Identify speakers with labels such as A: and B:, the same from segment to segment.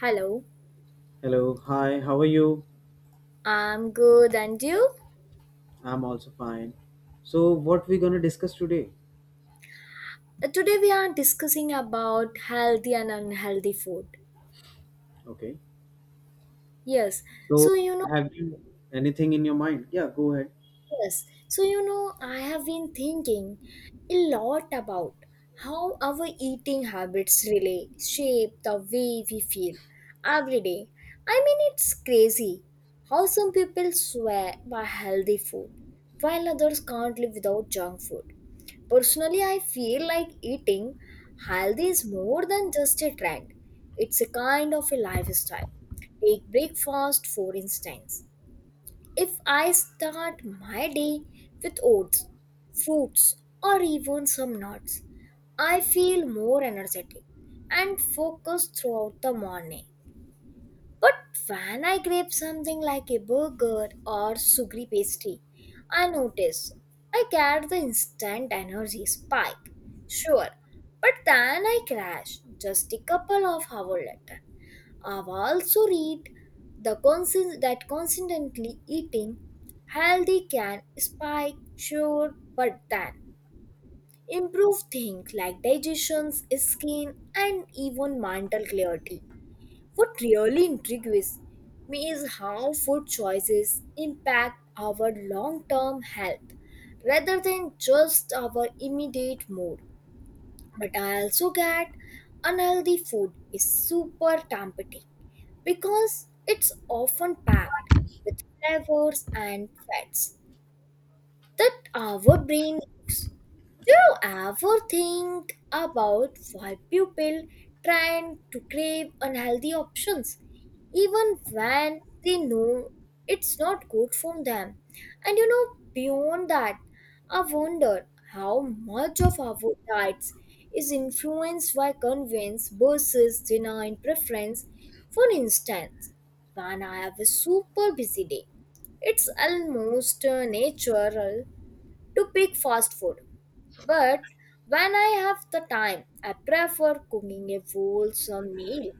A: Hello,
B: Hello, hi, how are you?
A: I'm good and you?
B: I'm also fine. So, what we gonna discuss today?
A: Today we are discussing about healthy and unhealthy food.
B: Okay.
A: Yes,
B: So,
A: so you know
B: have you anything in your mind? Yeah, go ahead.
A: Yes. So, you know, I have been thinking a lot about how our eating habits really shape the way we feel every day. I mean, it's crazy how some people swear by healthy food while others can't live without junk food. Personally, I feel like eating healthy is more than just a trend, it's a kind of a lifestyle. Take breakfast, for instance. If I start my day with oats, fruits, or even some nuts, I feel more energetic and focused throughout the morning. But when I grab something like a burger or sugary pastry, I notice I get the instant energy spike. Sure, but then I crash just a couple of hours later. I've also read that consistently eating healthy can spike sure, but then improve things like digestion, skin, and even mental clarity. What really intrigues me is how food choices impact our long-term health rather than just our immediate mood. But I also get unhealthy food is super tempting because it's often packed with flavors and fats that our brain uses. Do you ever think about why people trying to crave unhealthy options, even when they know it's not good for them? And you know, beyond that, I wonder how much of our diets is influenced by convenience versus genuine preference. For instance, when I have a super busy day, it's almost natural to pick fast food. But when I have the time, I prefer cooking a wholesome meal.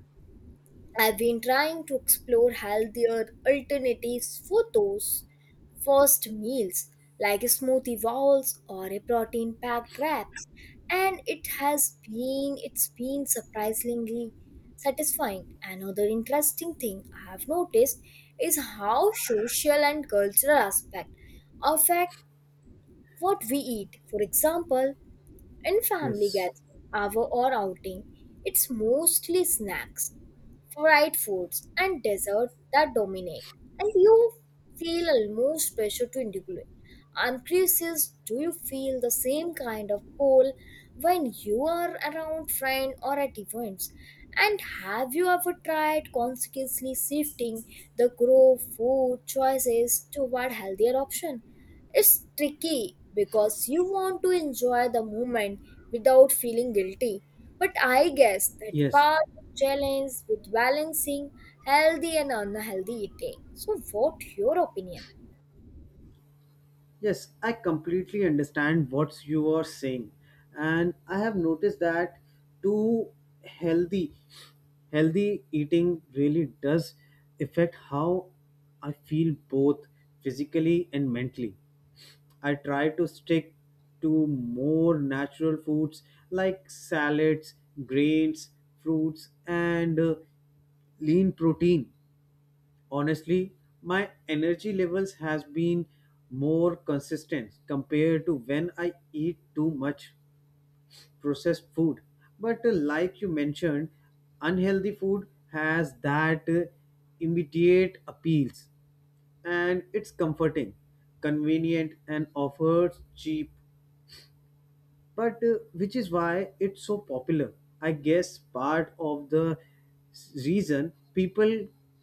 A: I've been trying to explore healthier alternatives for those first meals, like smoothie bowls or a protein-packed wraps, and it's been surprisingly satisfying. Another interesting thing I have noticed is how social and cultural aspect affect what we eat. For example, in family
B: Yes.
A: gathering, hour or outing, it's mostly snacks, fried foods, and dessert that dominate, and you feel almost pressure to integrate. I'm curious, do you feel the same kind of pull when you are around friends or at events? And have you ever tried consciously shifting the group food choices toward healthier option? It's tricky because you want to enjoy the moment without feeling guilty. But I guess that
B: Yes.
A: part of challenge with balancing healthy and unhealthy eating. So what your opinion?
B: Yes, I completely understand what you are saying. And I have noticed that too. Healthy healthy eating really does affect how I feel both physically and mentally. I try to stick to more natural foods like salads, grains, fruits, and lean protein. Honestly, my energy levels has been more consistent compared to when I eat too much processed food. But like you mentioned, unhealthy food has that immediate appeals, and it's comforting, convenient and offers cheap but which is why it's so popular. I guess part of the reason people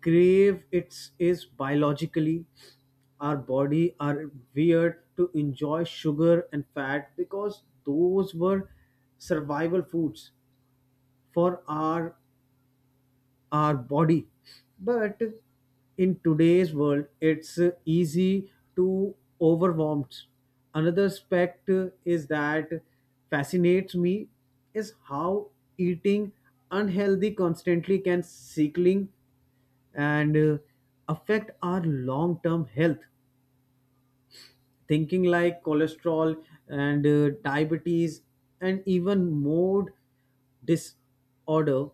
B: crave it is biologically our body are weird to enjoy sugar and fat because those were survival foods for our body, but in today's world it's easy to overwhelmed. Another aspect is that fascinates me is how eating unhealthy constantly can sickling and affect our long-term health, thinking like cholesterol and diabetes and even mood disorder.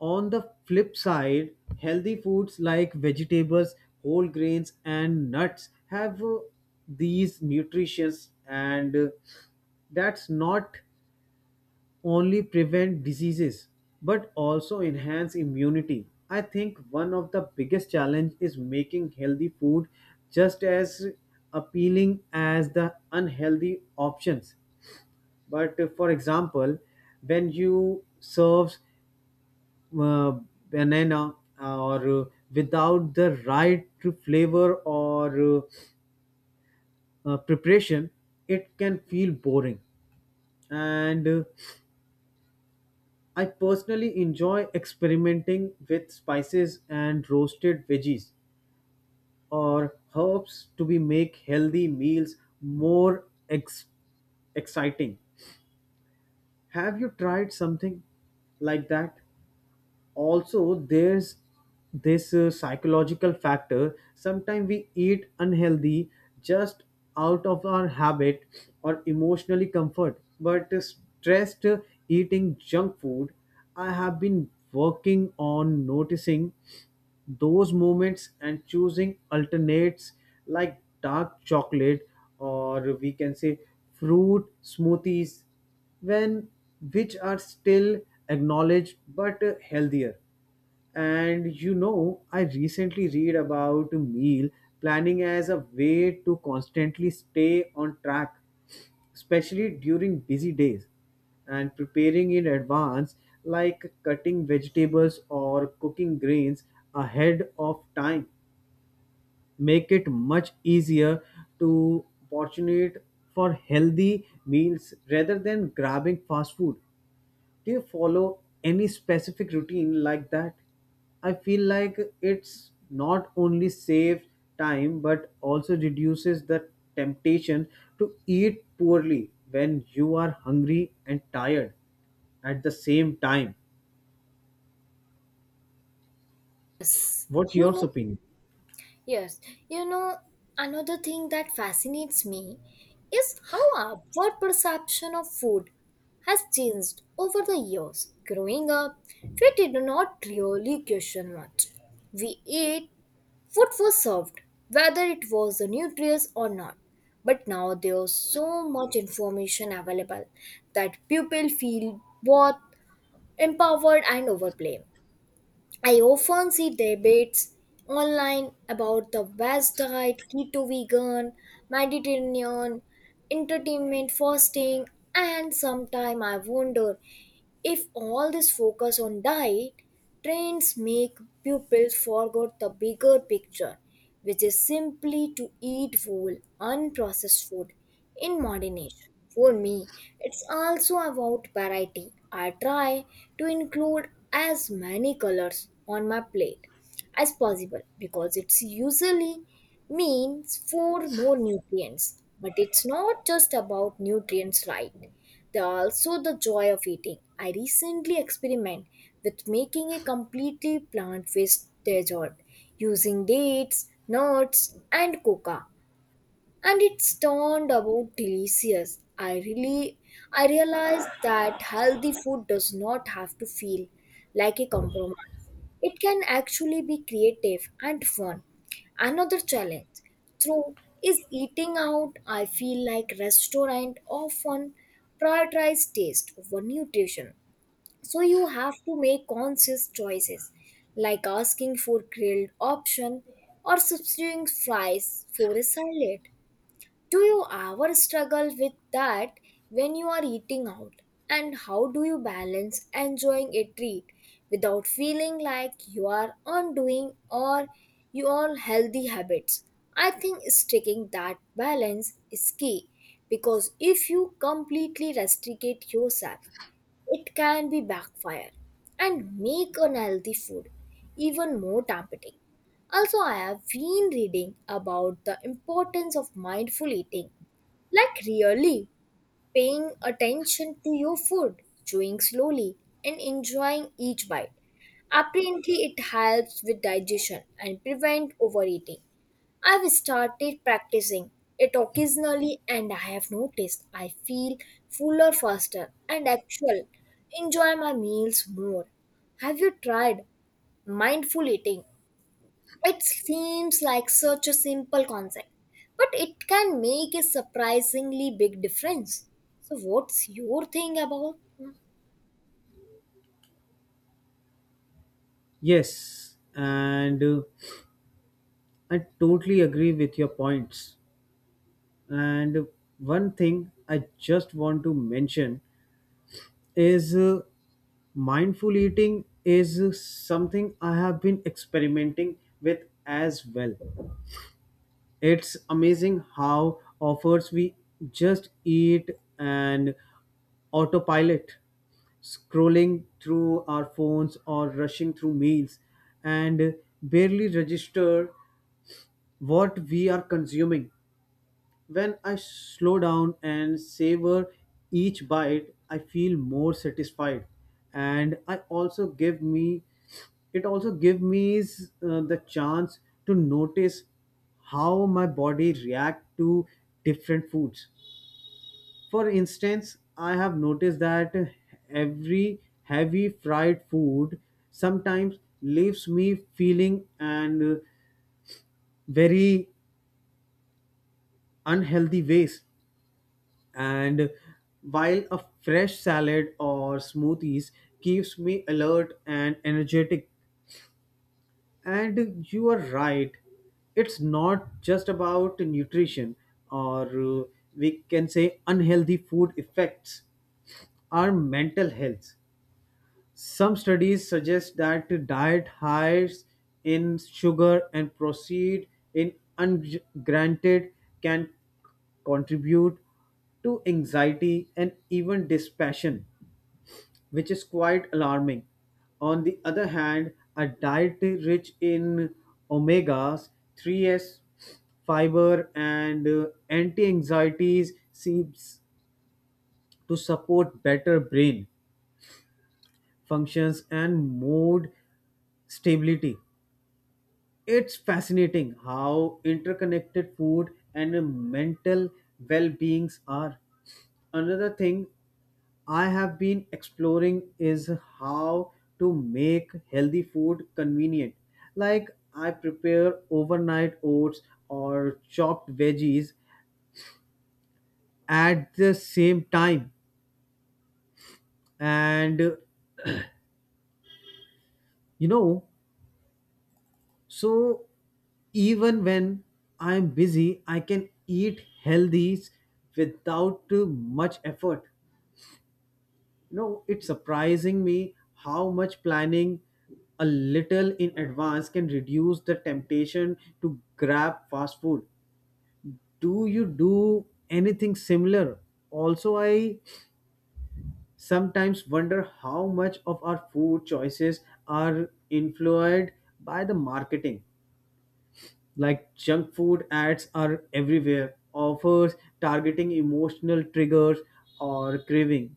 B: On the flip side, healthy foods like vegetables, whole grains, and nuts have these nutrients, and that's not only prevent diseases but also enhance immunity. I think one of the biggest challenge is making healthy food just as appealing as the unhealthy options. But for example, when you serve uh, banana or without the right flavor or preparation, it can feel boring, and I personally enjoy experimenting with spices and roasted veggies or herbs to be make healthy meals more exciting. Have you tried something like that? Also, there's this psychological factor. Sometimes we eat unhealthy just out of our habit or emotionally comfort but stressed eating junk food. I have been working on noticing those moments and choosing alternates like dark chocolate or we can say fruit smoothies, when which are still acknowledged but healthier. And you know, I recently read about meal planning as a way to constantly stay on track, especially during busy days. And preparing in advance, like cutting vegetables or cooking grains ahead of time, make it much easier to opportunate for healthy meals rather than grabbing fast food. Do you follow any specific routine like that? I feel like it's not only saves time but also reduces the temptation to eat poorly when you are hungry and tired at the same time.
A: Yes.
B: What your opinion?
A: Yes. You know, another thing that fascinates me is how our perception of food has changed over the years. Growing up, we did not really question much. We ate Food was served, whether it was the nutrients or not. But now there's so much information available that people feel both empowered and overblamed. I often see debates online about the vast diet, keto vegan, Mediterranean, entertainment fasting, and sometimes I wonder if all this focus on diet, trends make pupils forget the bigger picture, which is simply to eat whole, unprocessed food in moderation. For me, it's also about variety. I try to include as many colors on my plate as possible because it's usually means four more nutrients, but it's not just about nutrients, right? They're also the joy of eating. I recently experiment with making a completely plant-based dessert using dates, nuts, and coca, and it's turned about delicious. i really I realized that healthy food does not have to feel like a compromise. It can actually be creative and fun. Another challenge through is eating out. I feel like restaurant often prioritize taste over nutrition, so you have to make conscious choices like asking for grilled option or substituting fries for a salad. Do you ever struggle with that when you are eating out? And how do you balance enjoying a treat without feeling like you are undoing or your healthy habits? I think sticking that balance is key because if you completely restrict yourself, it can be backfire and make unhealthy food even more tempting. Also, I have been reading about the importance of mindful eating, like really paying attention to your food, chewing slowly, and enjoying each bite. Apparently, it helps with digestion and prevent overeating. I've started practicing it occasionally and I have noticed I feel fuller faster and actual enjoy my meals more. Have you tried mindful eating? It seems like such a simple concept, but it can make a surprisingly big difference. So, what's your thing about?
B: Yes, and I totally agree with your points. And one thing I just want to mention is mindful eating is something I have been experimenting with as well. It's amazing how offers we just eat and autopilot, scrolling through our phones or rushing through meals and barely register what we are consuming. When I slow down and savor each bite, I feel more satisfied, and I also give me it also give me the chance to notice how my body react to different foods. For instance, I have noticed that every heavy fried food sometimes leaves me feeling and very unhealthy ways, and while a fresh salad or smoothies keeps me alert and energetic. And you are right, it's not just about nutrition or we can say unhealthy food effects our mental health. Some studies suggest that diet highs in sugar and proceed in ungranted can contribute to anxiety and even dispassion, which is quite alarming. On the other hand, a diet rich in omegas, three s, fiber, and anti anxieties seems to support better brain functions and mode stability. It's fascinating how interconnected food and mental well-beings are. Another thing I have been exploring is how to make healthy food convenient. Like I prepare overnight oats or chopped veggies at the same time, and you know, so even when I'm busy, I can eat healthy without too much effort. You know, it's surprising me how much planning a little in advance can reduce the temptation to grab fast food. Do you do anything similar? Also, I sometimes wonder how much of our food choices are influenced by the marketing, like junk food ads are everywhere, offers targeting emotional triggers or craving.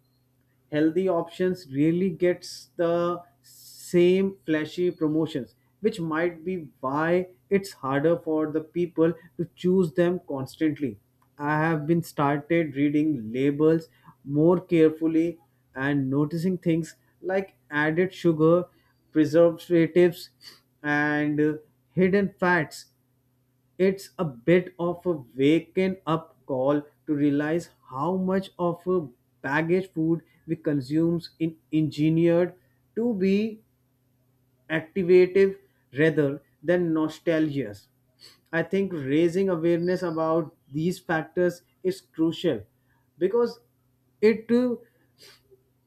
B: Healthy options really gets the same flashy promotions, which might be why it's harder for the people to choose them constantly. I have been started reading labels more carefully and noticing things like added sugar, preservatives, and hidden fats. It's a bit of a waking up call to realize how much of a baggage food we consumes in engineered to be activative rather than nostalgious. I think raising awareness about these factors is crucial because it to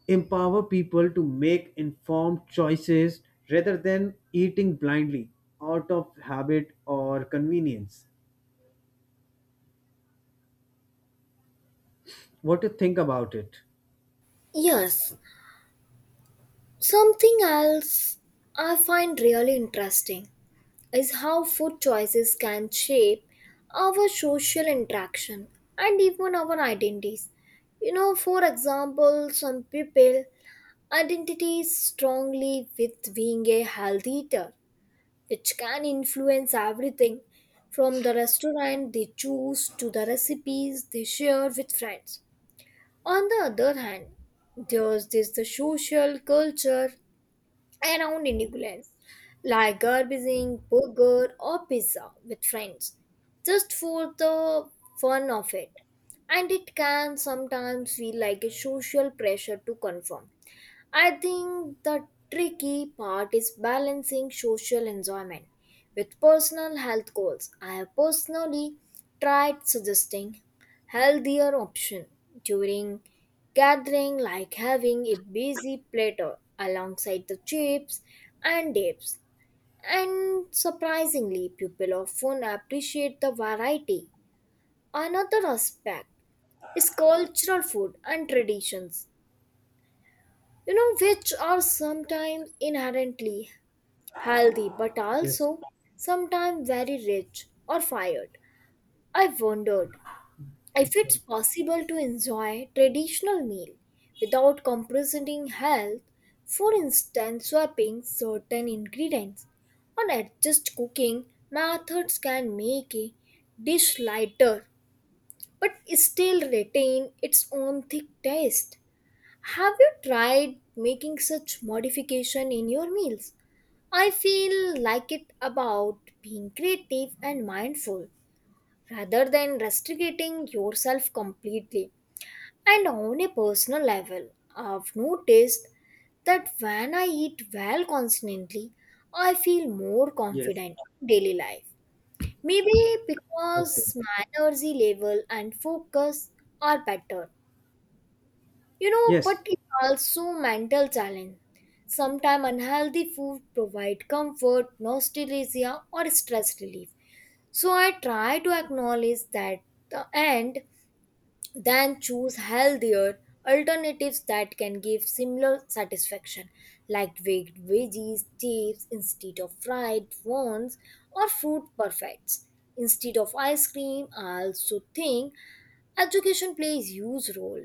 B: empower people to make informed choices rather than eating blindly out of habit or convenience. What do you think about it?
A: Yes, something else I find really interesting is how food choices can shape our social interaction and even our identities. You know, for example, some people identities strongly with being a healthy eater which can influence everything from the restaurant they choose to the recipes they share with friends. On the other hand, there's this the social culture around indulgence, like garbaging, burger, or pizza with friends, just for the fun of it. And it can sometimes feel like a social pressure to conform. I think the tricky part is balancing social enjoyment with personal health goals. I have personally tried suggesting healthier option during gathering like having a busy platter alongside the chips and dips. And surprisingly, people often appreciate the variety. Another aspect is cultural food and traditions, you know, which are sometimes inherently healthy but
B: Yes.
A: also sometimes very rich or fired. I wondered if it's possible to enjoy traditional meal without compromising health, for instance, swapping certain ingredients or adjust cooking methods can make a dish lighter but still retain its own thick taste. Have you tried making such modification in your meals? I feel like it about being creative and mindful rather than restricting yourself completely. And on a personal level, I've noticed that when I eat well constantly, I feel more
B: Yes.
A: confident in daily life. Maybe
B: Okay.
A: because my energy level and focus are better. You know,
B: Yes,
A: but it's also mental challenge. Sometimes unhealthy food provide comfort, nostalgia, or stress relief. So I try to acknowledge that the end then choose healthier alternatives that can give similar satisfaction, like baked veggies, chips instead of fried ones, or fruit perfects instead of ice cream. I also think education plays a huge role.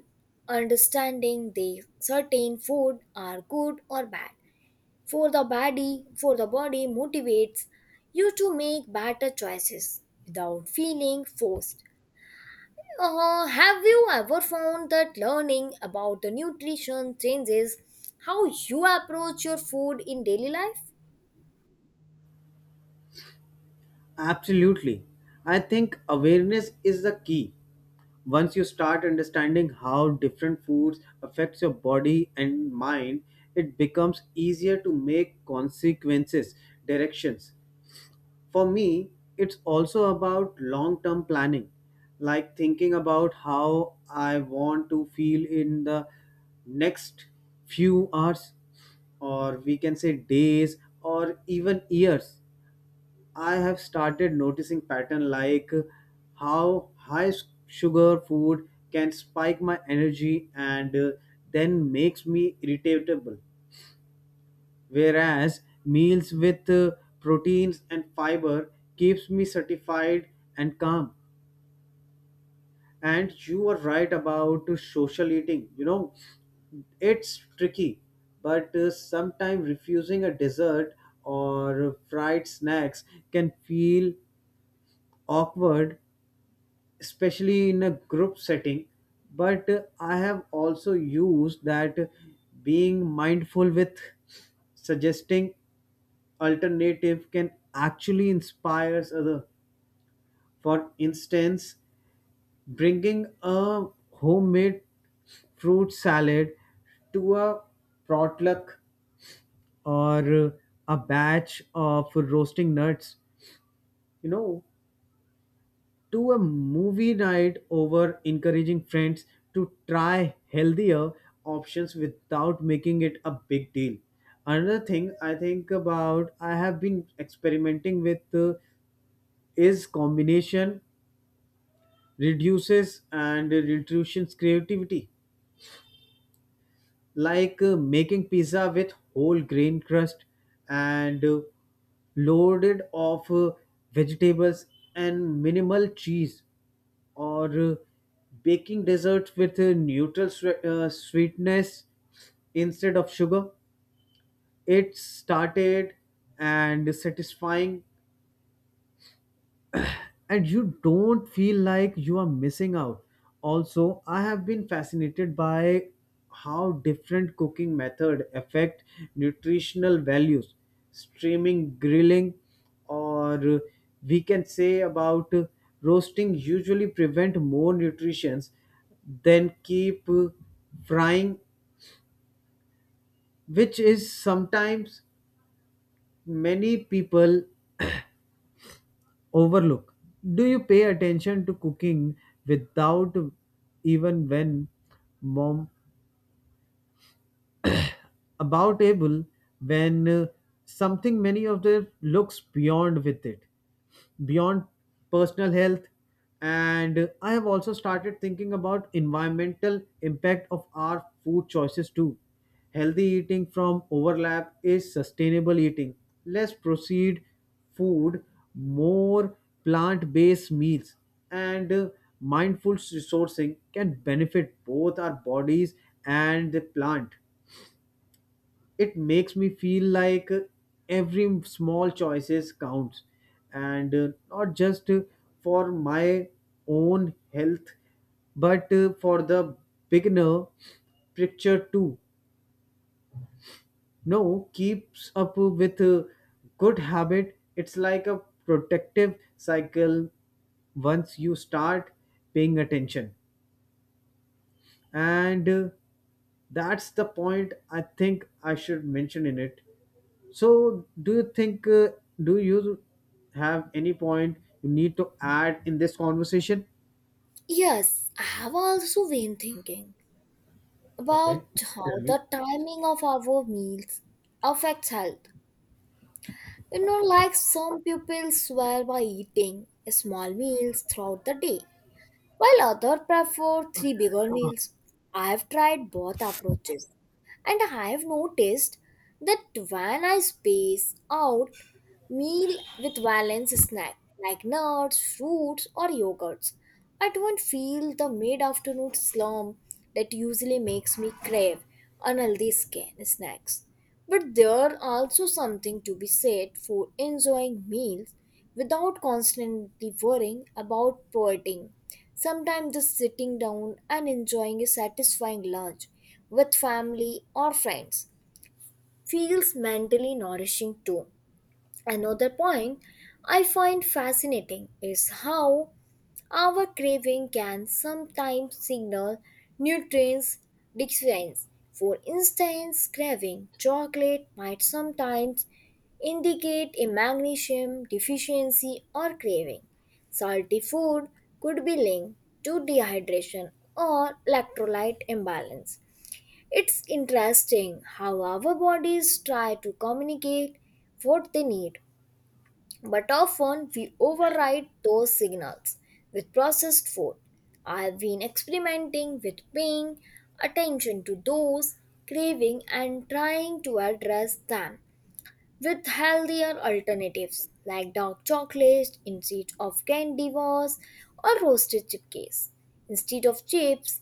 A: Understanding the certain food are good or bad for the body motivates you to make better choices without feeling forced. Have you ever found that learning about the nutrition changes how you approach your food in daily life?
B: absolutely. I think awareness is the key. Once you start understanding how different foods affects your body and mind, it becomes easier to make consequences, directions. For me, it's also about long term planning, like thinking about how I want to feel in the next few hours, or we can say days, or even years. I have started noticing pattern like how high sugar food can spike my energy and then makes me irritable, whereas meals with proteins and fiber keeps me satisfied and calm. And you are right about social eating, you know, it's tricky but sometimes refusing a dessert or fried snacks can feel awkward, especially in a group setting, but I have also used that being mindful with suggesting alternative can actually inspire other. For instance, bringing a homemade fruit salad to a potluck or a batch of roasting nuts, you know, to a movie night over encouraging friends to try healthier options without making it a big deal. Another thing I think about I have been experimenting with is combination reduces creativity, like making pizza with whole grain crust and loaded of vegetables and minimal cheese, or uh, baking desserts with a neutral sweetness instead of sugar. It's started and satisfying, and you don't feel like you are missing out. Also, I have been fascinated by how different cooking method affect nutritional values. Steaming, grilling, or we can say about roasting usually prevent more nutrients than keep frying, which is sometimes many people overlook. Do you pay attention to cooking without, even when mom about able, when something many of their looks beyond with it beyond personal health. And I have also started thinking about environmental impact of our food choices too. Healthy eating from overlap is sustainable eating, less proceed food, more plant based meals, and mindful sourcing can benefit both our bodies and the plant. It makes me feel like every small choices counts, and not just for my own health but for the beginner picture too. No, keeps up with a good habit, it's like a protective cycle once you start paying attention, and that's the point I think I should mention in it. So do you think do you have any point you need to add in this conversation?
A: Yes, I have also been thinking
B: Okay.
A: about
B: Tell
A: how
B: me.
A: the timing of our meals affects health. You know, like some people swear by eating small meals throughout the day, while others prefer three bigger meals. I have tried both approaches and I have noticed that when I space out meal with balanced snack like nuts, fruits or yogurts, I don't feel the mid-afternoon slump that usually makes me crave snacks. But there also something to be said for enjoying meals without constantly worrying about poeting. Sometimes just sitting down and enjoying a satisfying lunch with family or friends feels mentally nourishing too. Another point I find fascinating is how our craving can sometimes signal nutrients deficiency. For instance, craving chocolate might sometimes indicate a magnesium deficiency or craving. Salty food could be linked to dehydration or electrolyte imbalance. It's interesting how our bodies try to communicate what they need but often we override those signals with processed food. I have been experimenting with paying attention to those craving and trying to address them with healthier alternatives like dark chocolate instead of candy bars or roasted chipcakes. Instead of chips,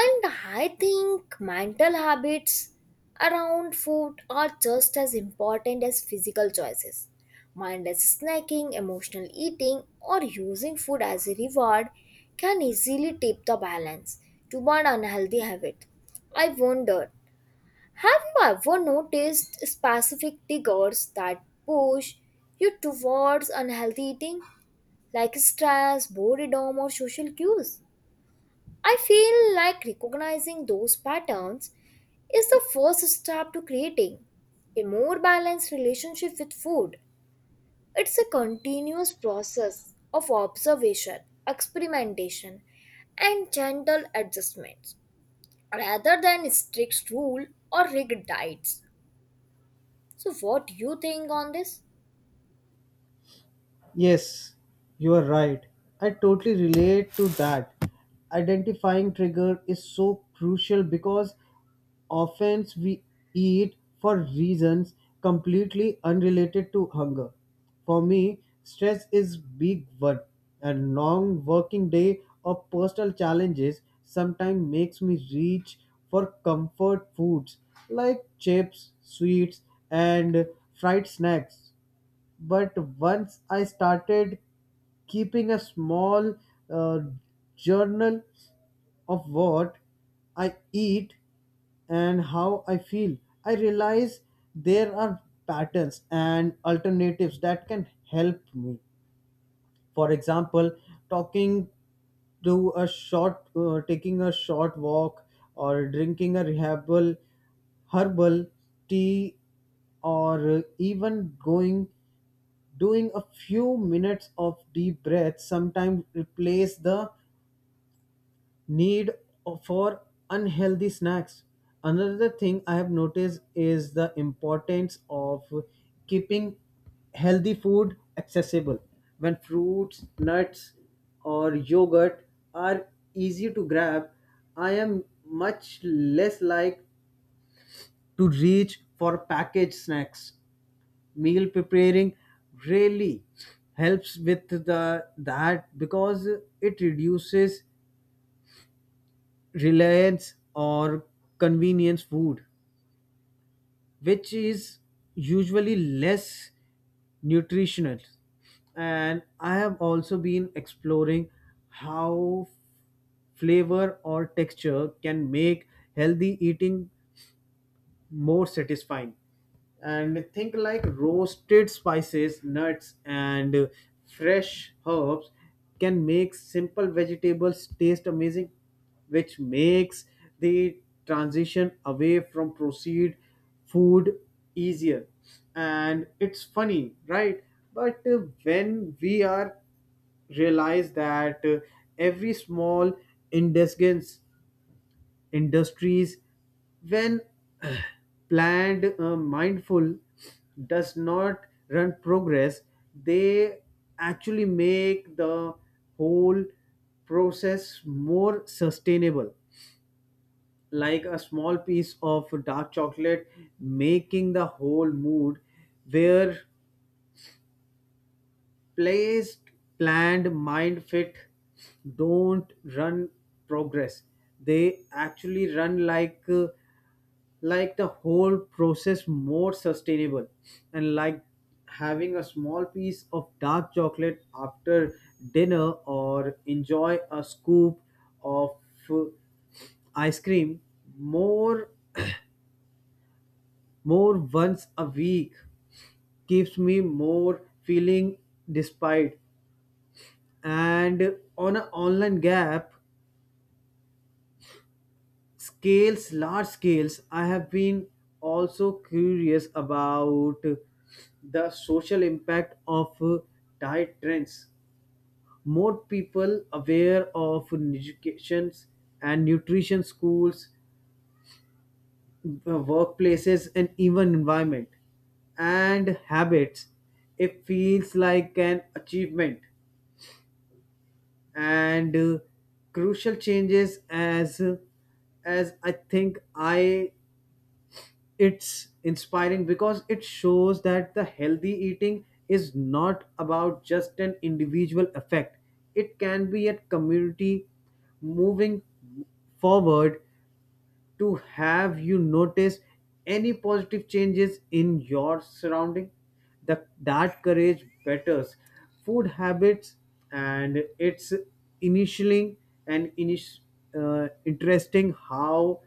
A: and I think mental habits around food are just as important as physical choices. Mindless snacking, emotional eating, or using food as a reward can easily tip the balance toward unhealthy habit. I wondered, have you ever noticed specific triggers that push you towards unhealthy eating, like stress, boredom, or social cues? I feel like recognizing those patterns is the first step to creating a more balanced relationship with food. It's a continuous process of observation, experimentation, and gentle adjustments rather than strict rule or rigid diets. So what do you think on this?
B: Yes, you are right. I totally relate to that. Identifying trigger is so crucial because offense we eat for reasons completely unrelated to hunger. For me, stress is big one, and long working day or personal challenges sometimes makes me reach for comfort foods like chips, sweets and fried snacks. But once I started keeping a small uh, journal of what I eat and how I feel, I realize there are patterns and alternatives that can help me. For example, talking to a short, taking a short walk, or drinking a herbal tea, or even going doing a few minutes of deep breath sometimes replace the need for unhealthy snacks. Another thing I have noticed is the importance of keeping healthy food accessible. When fruits, nuts, or yogurt are easy to grab, I am much less like to reach for packaged snacks. Meal preparing really helps with the that because it reduces reliance or convenience food, which is usually less nutritional. And I have also been exploring how flavor or texture can make healthy eating more satisfying, and think like roasted spices nuts and fresh herbs can make simple vegetables taste amazing, which makes the transition away from processed food easier. And it's funny right, but when we are realize that every small indulgence industries when planned mindful does not run progress, they actually make the whole process more sustainable, like a small piece of dark chocolate making the whole mood where placed planned mind fit don't run progress, they actually run like the whole process more sustainable, and like having a small piece of dark chocolate after dinner or enjoy a scoop of uh, ice cream more more once a week keeps me more feeling despite. And on an online gap scales large scales, I have been also curious about the social impact of diet trends. More people aware of education and nutrition schools, workplaces and even environment and habits, it feels like an achievement and crucial changes as I think I it's inspiring because it shows that the healthy eating is not about just an individual effect, it can be a community moving forward. To have you notice any positive changes in your surrounding the, that courage betters food habits, and it's initially and interesting how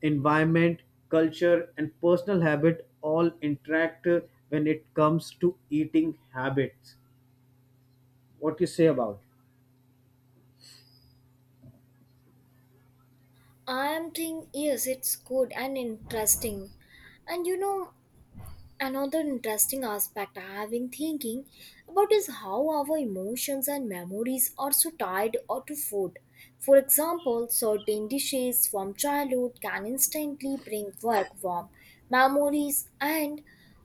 B: environment culture and personal habit all interact when it comes to eating habits. What you say about it?
A: I am think yes, it's good and interesting. And you know, another interesting aspect I have been thinking about is how our emotions and memories are so tied or to food. For example, certain dishes from childhood can instantly bring back warm memories, and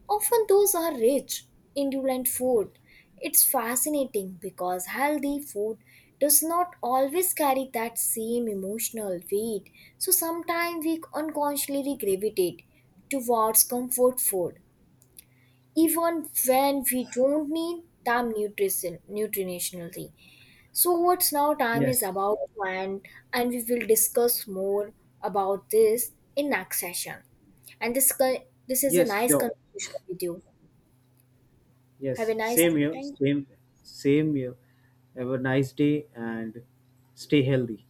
A: often those are rich, indulgent food. It's fascinating because healthy food does not always carry that same emotional weight, so sometimes we unconsciously gravitate towards comfort food even when we don't need them nutritionally. So what's, now time is
B: Yes.
A: about to end and we will discuss more about this in next session. And this is a
B: Yes,
A: nice
B: sure.
A: conversation with you. Have a
B: Yes,
A: nice
B: same
A: day,
B: here,
A: thank you.
B: same, same here. Have a nice day and stay healthy.